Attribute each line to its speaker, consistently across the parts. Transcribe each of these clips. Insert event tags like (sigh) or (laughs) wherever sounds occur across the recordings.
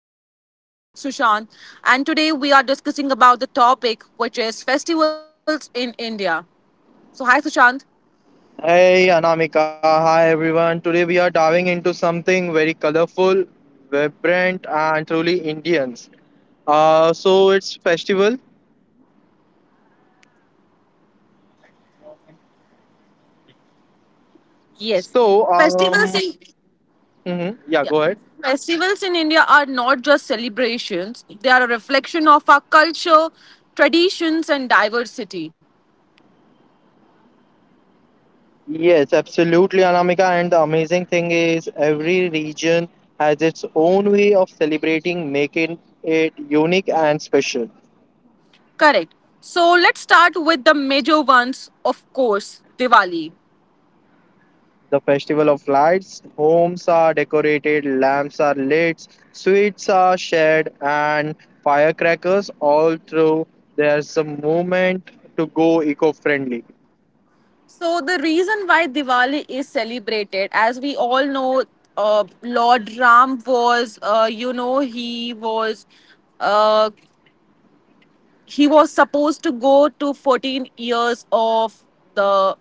Speaker 1: By my co-host Sushant, and today we are discussing about the topic which is festivals in India. So, hi, Sushant.
Speaker 2: Hey Anamika, hi everyone. Today we are diving into something very colorful, vibrant, and truly Indians. So it's festival.
Speaker 1: Yes.
Speaker 2: So
Speaker 1: festivals
Speaker 2: um,
Speaker 1: in
Speaker 2: mhm, yeah,
Speaker 1: Yeah.
Speaker 2: go ahead.
Speaker 1: Festivals in India are not just celebrations; they are a reflection of our culture, traditions, and diversity.
Speaker 2: Yes, absolutely, Anamika. And the amazing thing is, every region has its own way of celebrating, making it unique and special.
Speaker 1: Correct. So let's start with the major ones, of course, Diwali.
Speaker 2: The festival of lights. Homes are decorated, lamps are lit, sweets are shared, and firecrackers all through. There's a movement to go eco friendly.
Speaker 1: So the reason why Diwali is celebrated, as we all know, Lord Ram was, uh, he was supposed to go to 14 years of the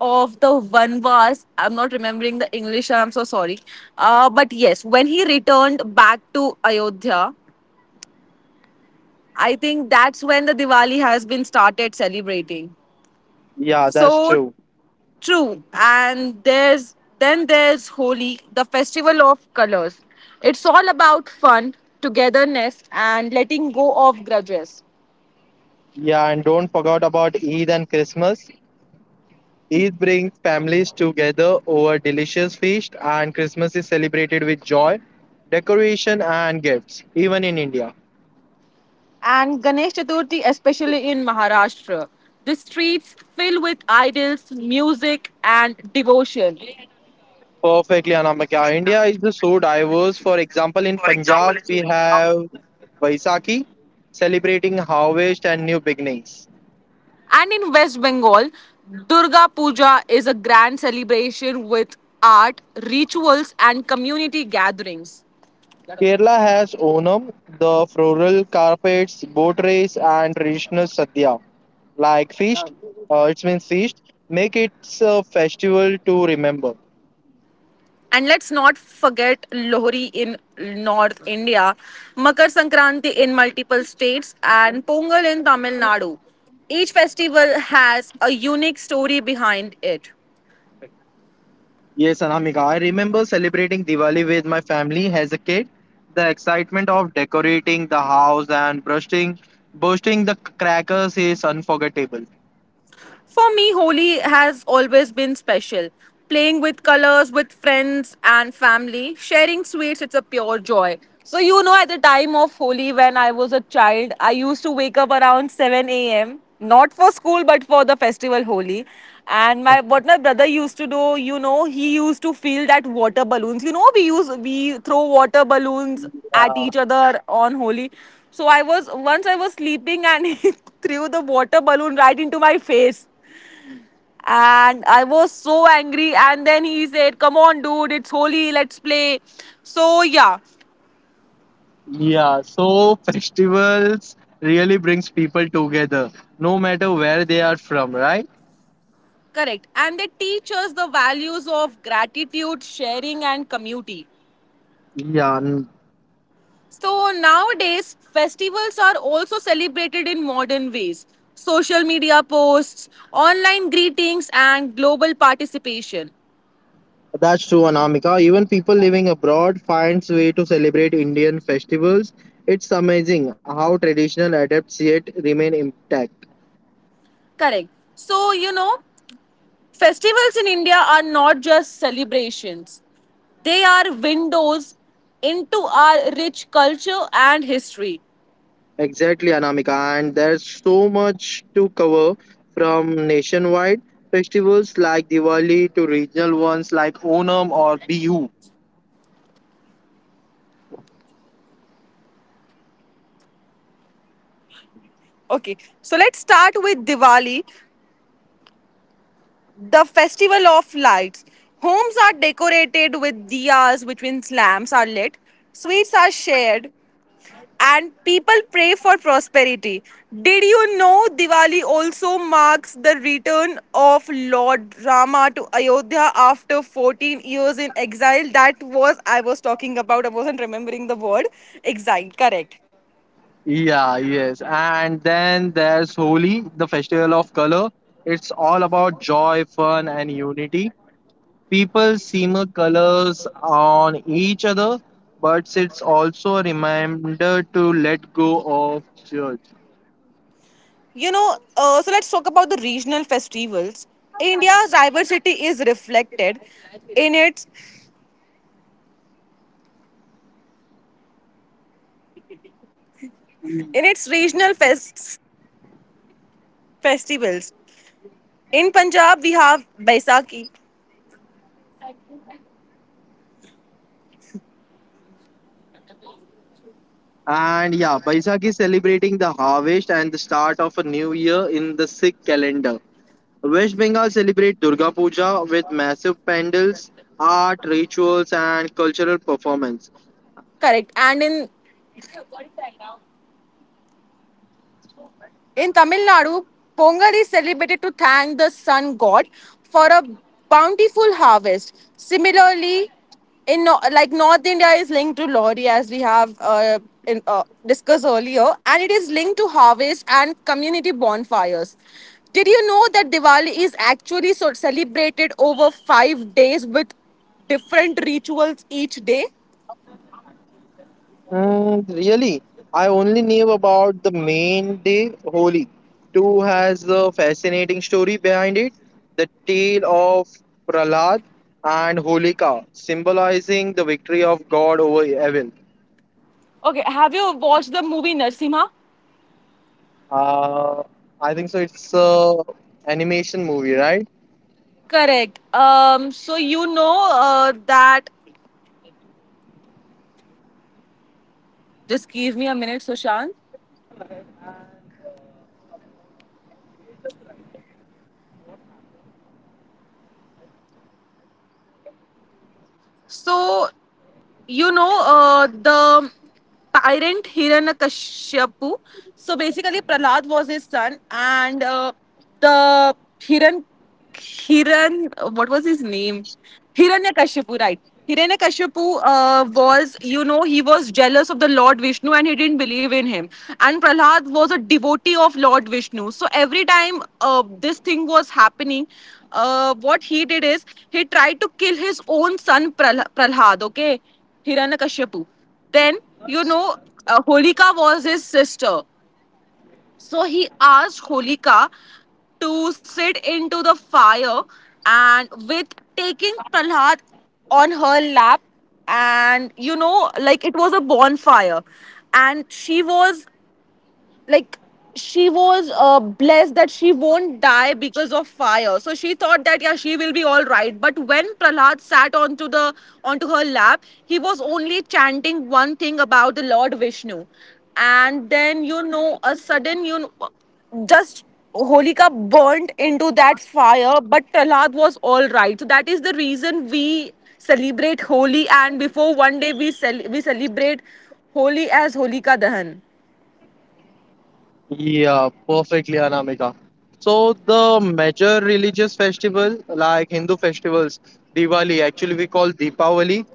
Speaker 1: the vanvas. I'm not remembering the English. I'm so sorry. But yes, when he returned back to Ayodhya, I think that's when the Diwali has been started celebrating.
Speaker 2: Yeah, that's
Speaker 1: So,
Speaker 2: true.
Speaker 1: true. And there's Holi, the festival of colors. It's all about fun, togetherness, and letting go of grudges.
Speaker 2: Yeah, and don't forget about Eid and Christmas. Eid brings families together over delicious feast, and Christmas is celebrated with joy, decoration, and gifts, even in India.
Speaker 1: And Ganesh Chaturthi, especially in Maharashtra, the streets fill with idols, music, and devotion.
Speaker 2: Perfectly, Anamika. India is so diverse. For example, in Punjab, we have Vaisakhi, celebrating harvest and new beginnings.
Speaker 1: And in West Bengal, Durga Puja is a grand celebration with art, rituals, and community gatherings.
Speaker 2: Kerala has Onam, the floral carpets, boat race, and traditional sadhya, like feast. It means feast. Make it a festival to remember.
Speaker 1: And let's not forget Lohri in North India, Makar Sankranti in multiple states, and Pongal in Tamil Nadu. Each festival has a unique story behind it.
Speaker 2: Yes, Anamika, I remember celebrating Diwali with my family as a kid. The excitement of decorating the house and bursting the crackers is unforgettable.
Speaker 1: For me, Holi has always been special. Playing with colors with friends and family, sharing sweets, it's a pure joy. So, at the time of Holi, when I was a child, I used to wake up around 7 a.m. Not for school, but for the festival Holi. And my what my brother used to do, he used to fill that water balloons. We throw water balloons at
Speaker 2: Yeah,
Speaker 1: each other on Holi. So I was once I was sleeping, and (laughs) he threw the water balloon right into my face, and I was so angry. And then he said, "Come on, dude, it's holy, let's play." So, yeah.
Speaker 2: yeah. So festivals really brings people together, no matter where they are from, right?
Speaker 1: Correct. And they teach us the values of gratitude, sharing, and community.
Speaker 2: Yeah, and
Speaker 1: So, nowadays, festivals are also celebrated in modern ways: social media posts, online greetings, and global participation.
Speaker 2: that's true, Anamika. Even people living abroad finds way to celebrate Indian festivals. It's amazing how traditional adapts yet remain intact.
Speaker 1: Correct. So, festivals in India are not just celebrations, they are windows into our rich culture and history.
Speaker 2: Exactly, Anamika, and there's so much to cover from nationwide festivals like Diwali to regional ones like Onam or Bihu.
Speaker 1: Okay, so let's start with Diwali, the festival of lights. Homes are decorated with diyas, which means lamps are lit. Sweets are shared, and people pray for prosperity. Did you know Diwali also marks the return of Lord Rama to Ayodhya after 14 years in exile? That was I was talking about. I wasn't remembering the word exile. Correct.
Speaker 2: Yeah, yes. And then there's Holi, the festival of color. It's all about joy, fun, and unity. People simmer colors on each other, but it's also a reminder to let go of judge.
Speaker 1: So let's talk about the regional festivals. India's diversity is reflected in its regional festivals. In Punjab, we have Baisakhi.
Speaker 2: And yeah, Baisak is celebrating the harvest and the start of a new year in the Sikh calendar. West Bengal celebrate Durga Puja with massive pandals, art, rituals, and cultural performance.
Speaker 1: Correct. And in Tamil Nadu, Pongal is celebrated to thank the sun god for a bountiful harvest. Similarly, in like North India is linked to Lori, as we have in, discussed earlier, and it is linked to harvest and community bonfires. Did you know that Diwali is actually so celebrated over 5 days with different rituals each day?
Speaker 2: And really, I only knew about the main day, Holi. Too has a fascinating story behind it. The tale of Prahlad and Holika, symbolizing the victory of God over evil.
Speaker 1: Okay, have you watched the movie Narsimha?
Speaker 2: Uh, I think so. It's a animation movie, right?
Speaker 1: Correct. So you know that Just give me a minute, Sushant. So, the tyrant Hiranyakashipu. So basically, Prahlad was his son, and the Hiran Hiran what was his name? Hiranyakashipu, right? Hiranyakashipu was, you know, he was jealous of the Lord Vishnu, and he didn't believe in him. And Prahlad was a devotee of Lord Vishnu. So every time this thing was happening, what he did is he tried to kill his own son Prahlad, okay? Hiranyakashipu. Then, you know, Holika was his sister. So he asked Holika to sit into the fire and with taking Prahlad on her lap. And, like it was a bonfire. And like she was blessed that she won't die because of fire, so she thought that, yeah, she will be all right. But when Prahlad sat onto her lap, he was only chanting one thing about the Lord Vishnu. And then, a sudden, just Holika burnt into that fire, but Prahlad was all right. So that is the reason we celebrate Holi, and before one day we celebrate Holi as Holika Dahan.
Speaker 2: Yeah, perfectly, Anamika. So the major religious festival, like Hindu festivals, Diwali, actually we call Deepavali,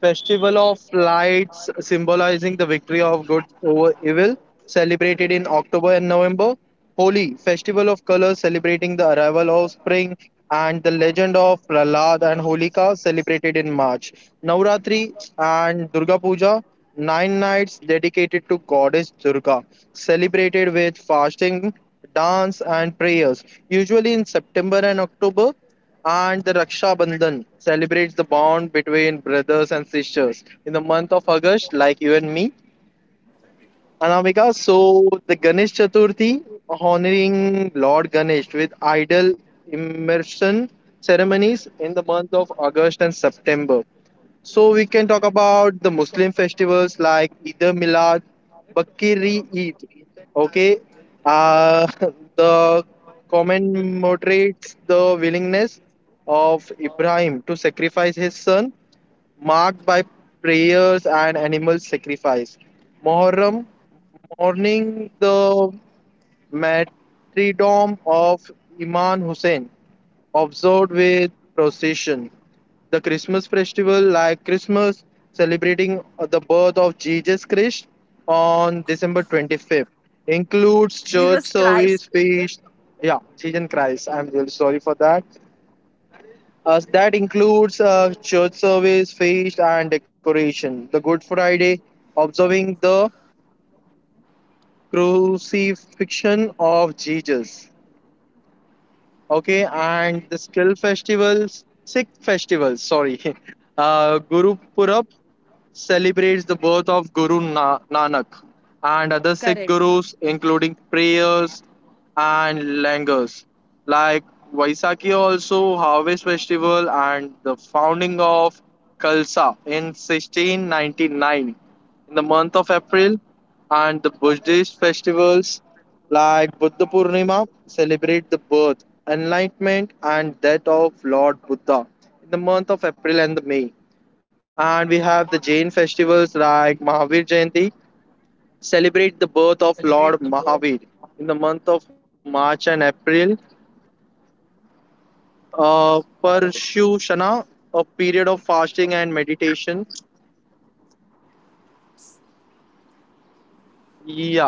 Speaker 2: festival of lights symbolizing the victory of good over evil, celebrated in October and November. Holi, festival of colors celebrating the arrival of spring and the legend of Prahlad and Holika celebrated in March. Navratri and Durga Puja Nine nights dedicated to goddess Durga, celebrated with fasting, dance, and prayers, usually in September and October. And the Raksha Bandhan celebrates the bond between brothers and sisters in the month of August, like you and me. Anamika, so the Ganesh Chaturthi, honoring Lord Ganesh with idol immersion ceremonies in the month of August and September. So we can talk about the Muslim festivals like Eid al-Milad, Bakri Eid, okay, uh, (laughs) the commemorates the willingness of Ibrahim to sacrifice his son, marked by prayers and animal sacrifice. Muharram, mourning the martyrdom of Imam Hussein, observed with procession the Christmas festival, like Christmas, celebrating the birth of Jesus Christ on December 25th, includes
Speaker 1: Jesus
Speaker 2: church
Speaker 1: Christ.
Speaker 2: service, feast. Yeah, Jesus Christ. I'm really sorry for that. That includes church service, feast, and decoration. The Good Friday, observing the crucifixion of Jesus. Okay, and the skill festivals, Sikh festivals, sorry. (laughs) Guru Purab celebrates the birth of Nanak and other
Speaker 1: Correct.
Speaker 2: Sikh gurus, including prayers and langars. Like Vaisakhi, also harvest festival and the founding of Khalsa in 1699 in the month of April, and the Buddhist festivals like Buddha Purnima celebrate the birth, enlightenment, and death of Lord Buddha in the month of April and the May. And we have the Jain festivals like Mahavir Jayanti, celebrate the birth of Lord Mahavir in the month of March and April. Parshushana, a period of fasting and meditation.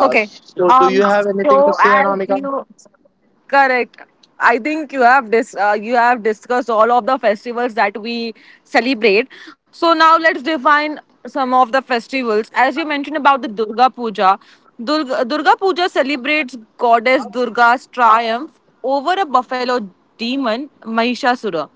Speaker 1: Okay.
Speaker 2: So, do
Speaker 1: Um.
Speaker 2: you have anything to
Speaker 1: So
Speaker 2: say,
Speaker 1: as
Speaker 2: Anamika?
Speaker 1: you, correct, I think you have discussed all of the festivals that we celebrate. So now let's define some of the festivals. As you mentioned about the Durga Puja, Durga Puja celebrates goddess Durga's triumph over a buffalo demon Mahishasura.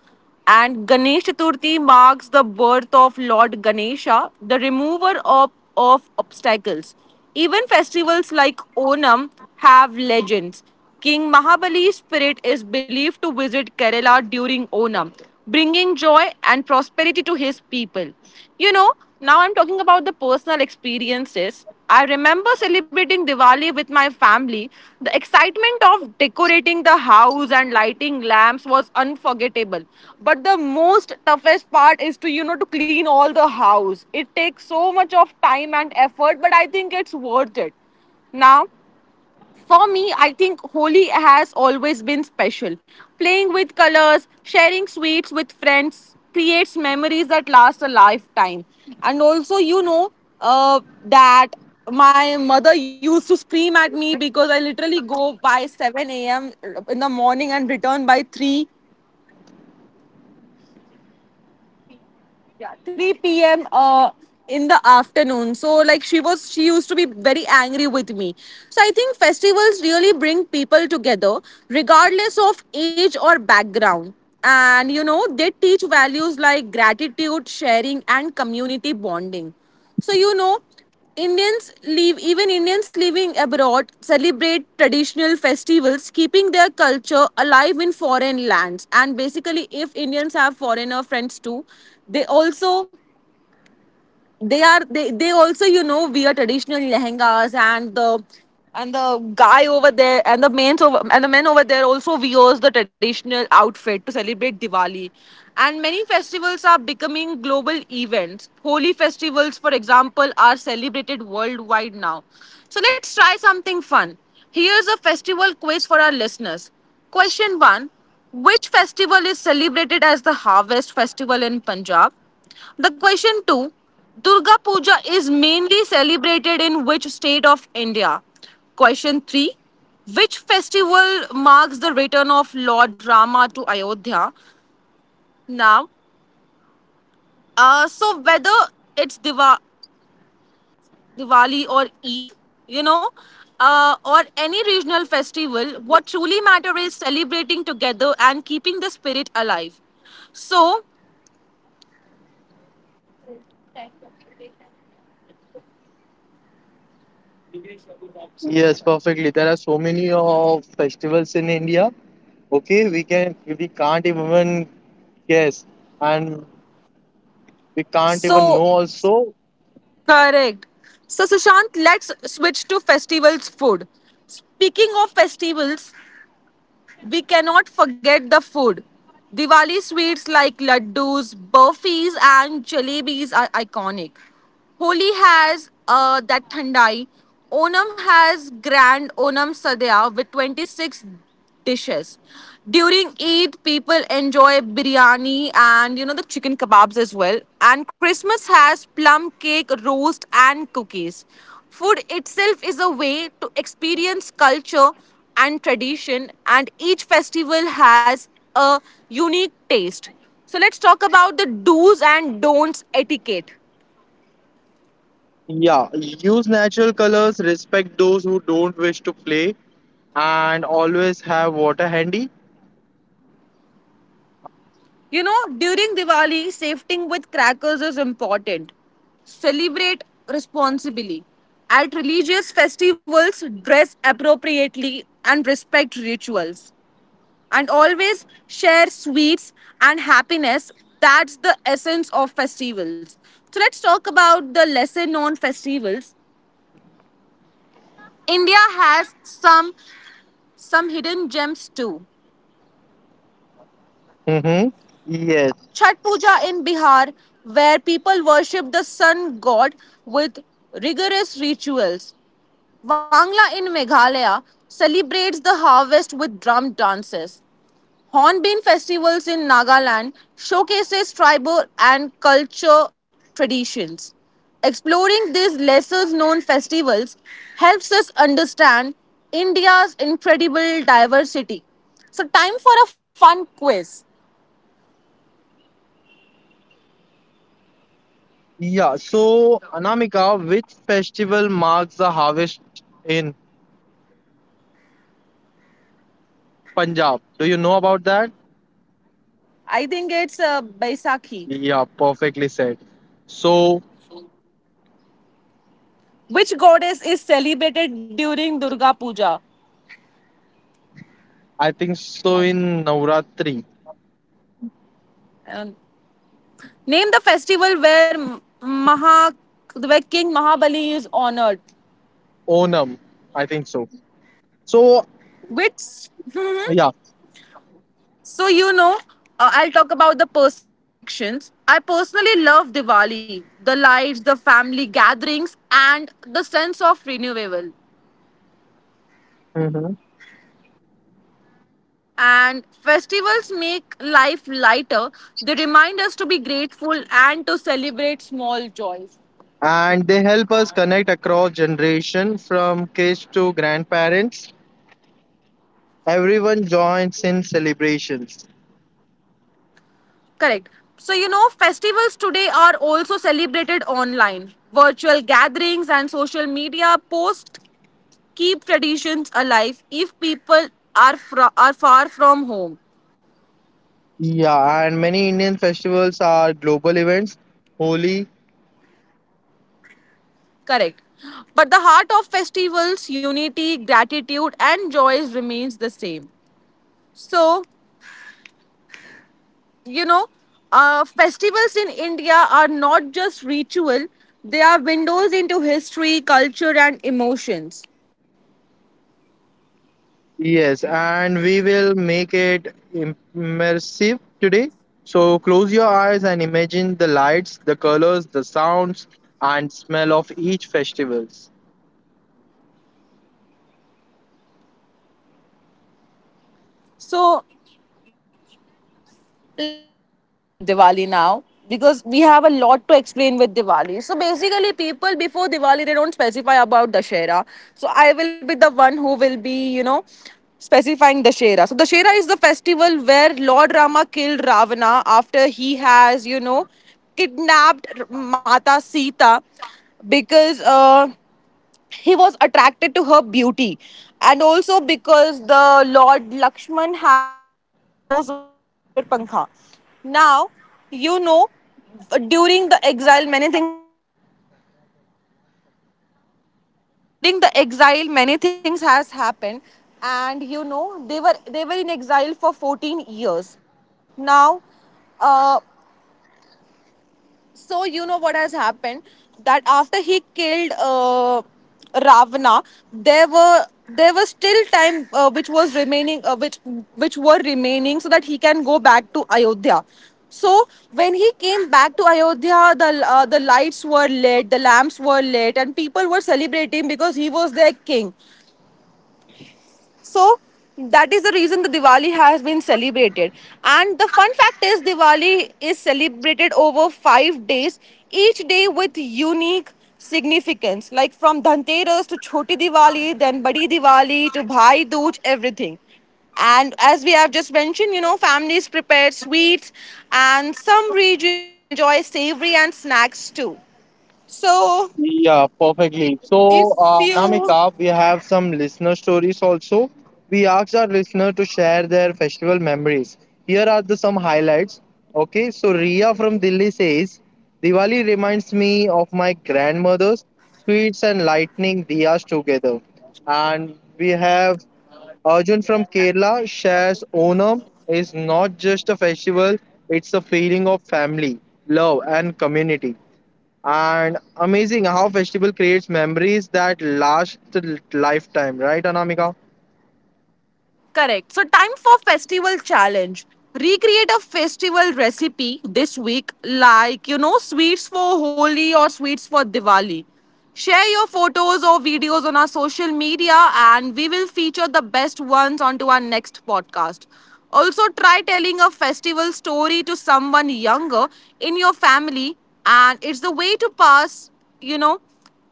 Speaker 1: And Ganesh Chaturthi marks the birth of Lord Ganesha, the remover of obstacles. Even festivals like Onam have legends. King Mahabali's spirit is believed to visit Kerala during Onam, bringing joy and prosperity to his people. You know, now I'm talking about the personal experiences. I remember celebrating Diwali with my family. The excitement of decorating the house and lighting lamps was unforgettable. But the most toughest part is to to clean all the house. It takes so much of time and effort, but I think it's worth it. Now, for me, I think Holi has always been special. Playing with colors, sharing sweets with friends creates memories that last a lifetime. And also, you know that my mother used to scream at me because I literally go by 7 a.m. in the morning and return by 3, yeah, 3 p.m. In the afternoon. So, like, she used to be very angry with me. So I think festivals really bring people together, regardless of age or background, and they teach values like gratitude, sharing, and community bonding. So, Indians live even Indians living abroad celebrate traditional festivals, keeping their culture alive in foreign lands. And basically, if Indians have foreigner friends too, they also they are they also wear traditional lehengas. And the and the guy over there, and the men over there, also wears the traditional outfit to celebrate Diwali. And many festivals are becoming global events. Holy festivals, for example, are celebrated worldwide now. So let's try something fun. Here's a festival quiz for our listeners. Question 1. Which festival is celebrated as the harvest festival in Punjab? The question 2. Durga Puja is mainly celebrated in which state of India? Question 3. Which festival marks the return of Lord Rama to Ayodhya? Now, whether it's Diwali or Eid, you know, or any regional festival, what truly matters is celebrating together and keeping the spirit alive. So,
Speaker 2: Yes, perfectly. There are so many of festivals in India. Okay, we can't even guess, and we can't even
Speaker 1: so
Speaker 2: know also.
Speaker 1: correct. So, Sushant, let's switch to festivals food. Speaking of festivals, we cannot forget the food. Diwali sweets like laddus, burfis, and jalebis are iconic. Holi has that thandai. Onam has grand Onam Sadhya with 26 dishes. During Eid, people enjoy biryani and the chicken kebabs as well. And Christmas has plum cake, roast, and cookies. Food itself is a way to experience culture and tradition, and each festival has a unique taste. So, let's talk about the do's and don'ts etiquette.
Speaker 2: Yeah, use natural colors, respect those who don't wish to play, and always have water handy.
Speaker 1: During Diwali, safeting with crackers is important. Celebrate responsibly. At religious festivals, dress appropriately and respect rituals. And always share sweets and happiness. That's the essence of festivals. So let's talk about the lesser known festivals. India has some hidden gems too.
Speaker 2: Mm-hmm. Yes.
Speaker 1: Chhat Puja in Bihar, where people worship the sun god with rigorous rituals. Wangla in Meghalaya celebrates the harvest with drum dances. Hornbill festivals in Nagaland showcases tribal and culture traditions. Exploring these lesser known festivals helps us understand India's incredible diversity. So time for a fun quiz.
Speaker 2: Yeah, so Anamika, which festival marks the harvest in Punjab? Do you know about that?
Speaker 1: I think it's Baisakhi.
Speaker 2: Yeah, perfectly said. So
Speaker 1: Which goddess is celebrated during Durga Puja?
Speaker 2: I think so in Navratri,
Speaker 1: Um, name the festival where King Mahabali is honored.
Speaker 2: Onam, I think so. So
Speaker 1: Which
Speaker 2: yeah.
Speaker 1: (laughs) So, I'll talk about the personal reflections. I personally love Diwali, the lights, the family gatherings, and the sense of renewal.
Speaker 2: Mhm.
Speaker 1: And festivals make life lighter; they remind us to be grateful and to celebrate small joys.
Speaker 2: And they help us connect across generation from kids to grandparents. Everyone joins in celebrations.
Speaker 1: Correct. So, festivals today are also celebrated online. Virtual gatherings and social media posts keep traditions alive if people are far from home.
Speaker 2: Yeah, and many Indian festivals are global events. Holi,
Speaker 1: Correct. But the heart of festivals, unity, gratitude, and joys remains the same. So, you know, festivals in India are not just ritual, they are windows into history, culture, and emotions.
Speaker 2: yes, and we will make it immersive today. So close your eyes and imagine the lights, the colors, the sounds, and smell of each festivals.
Speaker 1: So, let's start again with Diwali now because we have a lot to explain with Diwali. So basically, people before Diwali they don't specify about Dashera. So I will be the one who will be specifying Dashera. So Dashera is the festival where Lord Rama killed Ravana after he has, kidnapped Mata Sita because he was attracted to her beauty, and also because the Lord Lakshman has cut off the nose of Shirpankha. Now you know During the exile many things has been happened. Now during the exile many things has happened, and you know they were in exile for 14 years. Now uh, So you know what has happened, that after he killed Ravana, there was still time which was remaining, so that he can go back to Ayodhya. So when he came back to Ayodhya, the lights were lit, the lamps were lit, and people were celebrating because he was their king. So that is the reason the Diwali has been celebrated. And the fun fact is, Diwali is celebrated over 5 days, each day with unique significance, like from Dhanteras to Choti Diwali, then Badi Diwali to Bhai Dooj, everything. And as we have just mentioned, you know, families prepare sweets, and some regions enjoy savory and snacks too. So
Speaker 2: Yeah, perfectly. So,
Speaker 1: if you
Speaker 2: Namika, we have some listener stories also. We asked our listener to share their festival memories. Here are the some highlights. Okay, so Ria from Delhi says, Diwali reminds me of my grandmother's sweets and lightning diyas together. And we have Arjun from Kerala shares Onam is not just a festival, it's a feeling of family, love, and community. And amazing how festival creates memories that last a lifetime, right, Anamika?
Speaker 1: Correct. So, time for festival challenge. Recreate a festival recipe this week, like, you know, sweets for Holi or sweets for Diwali. Share your photos or videos on our social media, and we will feature the best ones onto our next podcast. Also, try telling a festival story to someone younger in your family, and it's the way to pass, you know,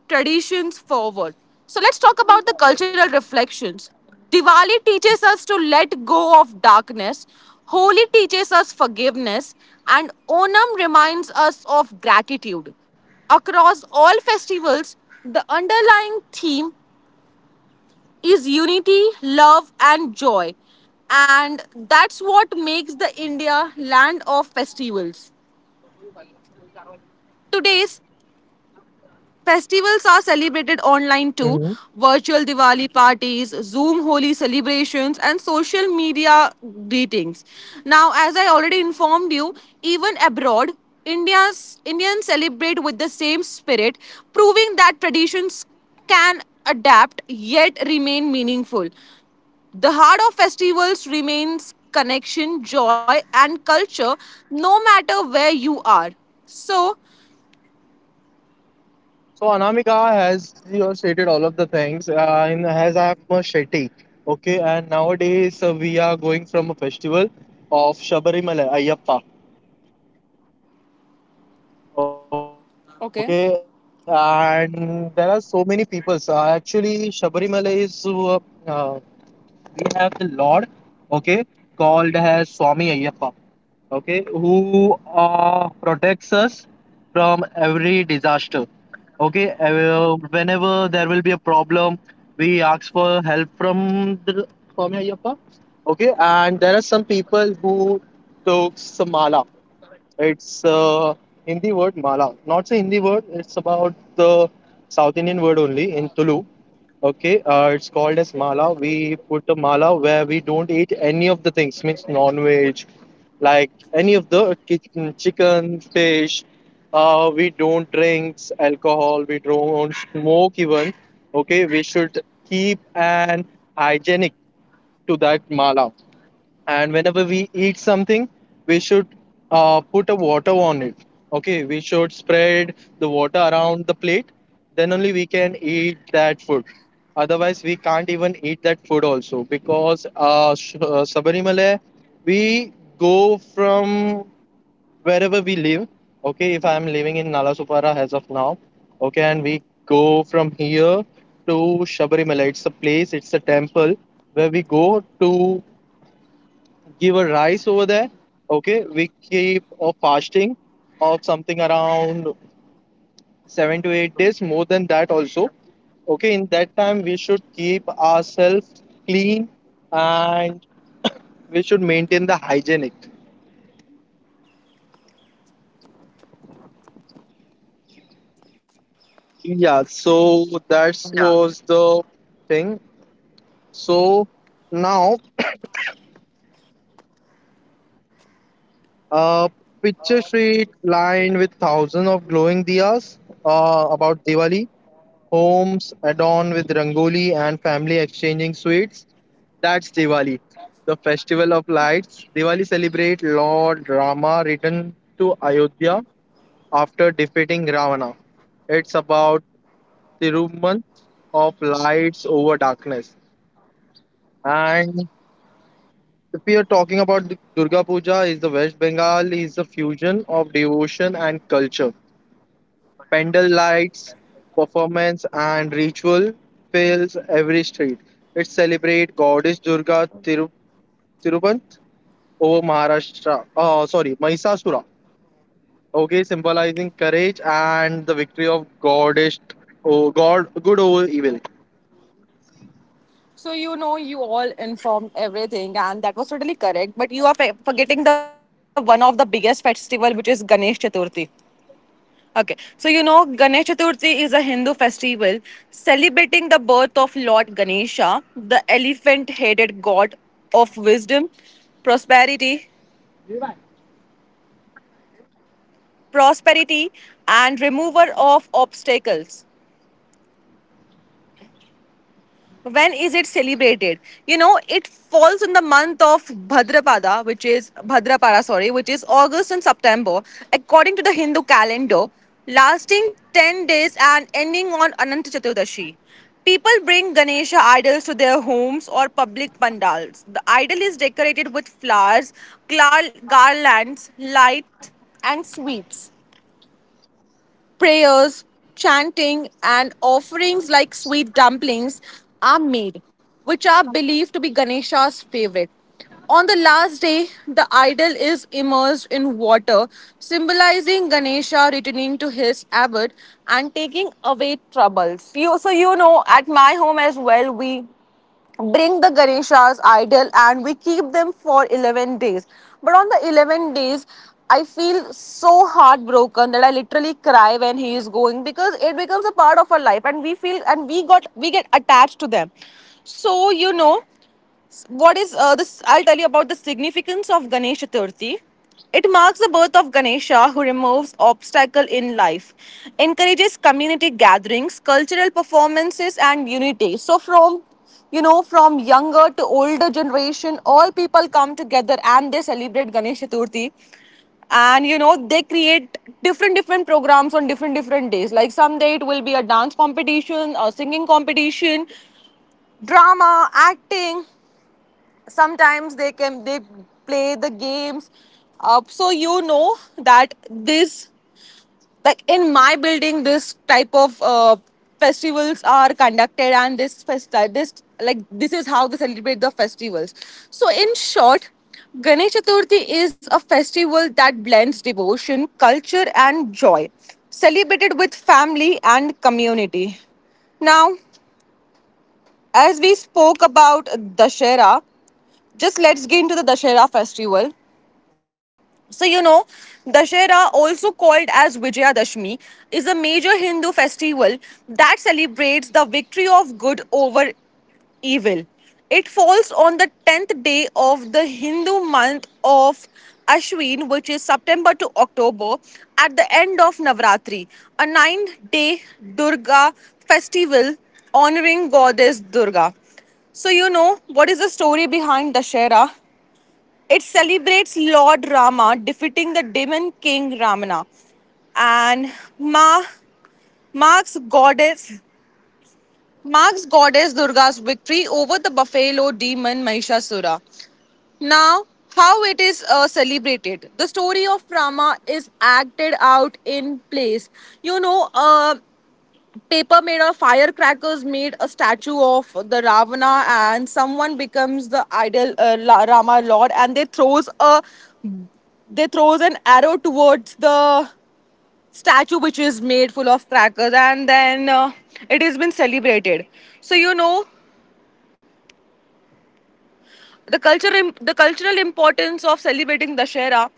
Speaker 1: traditions forward. So let's talk about the cultural reflections. Diwali teaches us to let go of darkness, Holi teaches us forgiveness, and Onam reminds us of gratitude. Across all festivals, the underlying theme is unity, love, and joy. And that's what makes the India land of festivals. Today's festivals are celebrated online too.
Speaker 2: Hmm.
Speaker 1: Virtual Diwali parties, Zoom Holi celebrations, and social media greetings. Now, as I already informed you, even abroad, India's Indians celebrate with the same spirit, proving that traditions can adapt yet remain meaningful. The heart of festivals remains connection, joy, and culture, no matter where you are. So,
Speaker 2: So Anamika has you know, stated all of the things. And has I am a Shetty, okay. And nowadays we are going from a festival of Shabarimala Ayyappa, okay. And there are so
Speaker 1: okay.
Speaker 2: many people. So actually, Shabarimala is uh, we have the Lord, okay, called as Swami Ayyappa. Okay, who protects us from every disaster, okay, whenever there will be a problem we ask for help from your Ayyappa. Okay, and there are some people who took some mala. It's hindi word mala, not a hindi word, it's about the south indian word only in tulu. Okay, it's called as mala. We put the mala where we don't eat any of the things, means non-veg, like any of the kitchen, chicken, fish. We don't drink alcohol. We don't smoke even. Okay, we should keep an hygienic to that mala, and whenever we eat something we should put a water on it. Okay, we should spread the water around the plate, then only we can eat that food. Otherwise we can't even eat that food also, because sabarimalai, we go from wherever we live. Okay, if I am living in nalasupara as of now, okay, and we go from here to Shabarimalai. It's a place, it's a temple where we go to give a rice over there. Okay, we keep a fasting of something around 7 to 8 days, more than that also. Okay, in that time we should keep ourselves clean and we should maintain the hygienic. Yeah, so that was the thing. So now a picture street lined with thousands of glowing diyas, about Diwali. Homes adorned with rangoli and family exchanging sweets. That's Diwali, the festival of lights. Diwali celebrates Lord Rama return to Ayodhya after defeating Ravana. It's about the movement of lights over darkness. And if we are talking about the Durga Puja, is the West Bengal is a fusion of devotion and culture. Pendle lights, performance, and ritual fills every street. It celebrates goddess Durga Thiru Tirupanth over Maharashtra. Sorry, Mahisasura. Okay, symbolizing courage and the victory of goddess, oh, God, good over evil.
Speaker 1: So you know you all informed everything, and that was totally correct, but you are forgetting the one of the biggest festival, which is Ganesh Chaturthi. Okay. So you know Ganesh Chaturthi is a Hindu festival celebrating the birth of Lord Ganesha, the elephant-headed god of wisdom, prosperity, prosperity and remover of obstacles. When is it celebrated? You know, it falls in the month of Bhadrapada, which is August and September according to the Hindu calendar, lasting 10 days and ending on Ananta Chaturdashi. People bring Ganesha idols to their homes or public pandals. The idol is decorated with flowers, garlands, light, and sweets. Prayers, chanting, and offerings like sweet dumplings are made, which are believed to be Ganesha's favorite. On the last day, the idol is immersed in water, symbolizing Ganesha returning to his abode and taking away troubles. You know, at my home as well, we bring the Ganeshas idol and we keep them for 11 days. But on the 11 days, I feel so heartbroken that I literally cry when he is going, because it becomes a part of our life and we feel, and we get attached to them. So you know what is this I'll tell you about the significance of Ganesh Chaturthi. It marks the birth of Ganesha, who removes obstacle in life, encourages community gatherings, cultural performances, and unity. So from, you know, from younger to older generation, all people come together and they celebrate Ganesh Chaturthi. And you know they create different different programs on different different days. Like someday it will be a dance competition, a singing competition, drama acting. Sometimes they play the games up. So you know that this, like in my building this type of festivals are conducted, and this fest this like this is how they celebrate the festivals. So in short, Ganesh Chaturthi is a festival that blends devotion, culture, and joy, celebrated with family and community. Now, as we spoke about Dashera, just let's get into the Dashera festival. So, you know, Dashera, also called as Vijayadashmi, is a major Hindu festival that celebrates the victory of good over evil. It falls on the 10th day of the Hindu month of Ashwin, which is September to October, at the end of Navratri, a 9 day Durga festival honoring goddess Durga. So, you know, what is the story behind Dashera? It celebrates Lord Rama defeating the demon king Ravana, and Ma Mark's goddess Mark's goddess Durga's victory over the buffalo demon Mahishasura. Now, how it is celebrated? The story of Rama is acted out in place. You know, paper made of firecrackers made a statue of the Ravana, and someone becomes the idol Rama Lord, and they throws an arrow towards the statue which is made full of crackers, and then it has been celebrated. So you know the culture the cultural importance of celebrating Dashera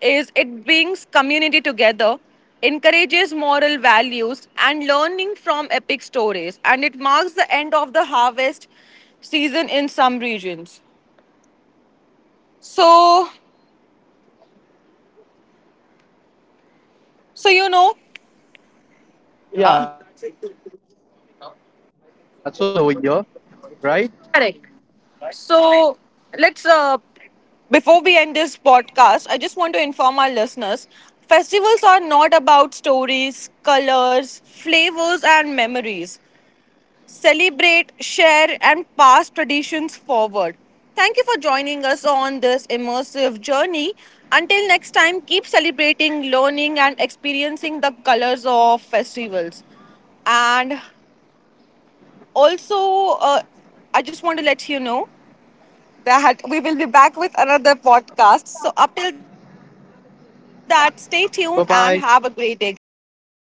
Speaker 1: is it brings community together, encourages moral values and learning from epic stories, and it marks the end of the harvest season in some regions. so so you know
Speaker 2: Yeah, so that's it for
Speaker 1: uh,
Speaker 2: today, Anamika. I think so. We have covered all of the points over here, right?
Speaker 1: Correct. So let's, before we end this podcast, I just want to inform our listeners, festivals are not about stories, colors, flavors, and memories. Celebrate, share, and pass traditions forward. Thank you for joining us on this immersive journey. Until next time, keep celebrating, learning, and experiencing the colors of festivals. And also, I just want to let you know that we will be back with another podcast. So, up till that, stay tuned and have a great day,
Speaker 2: Bye
Speaker 1: guys.
Speaker 2: bye.
Speaker 1: Bye.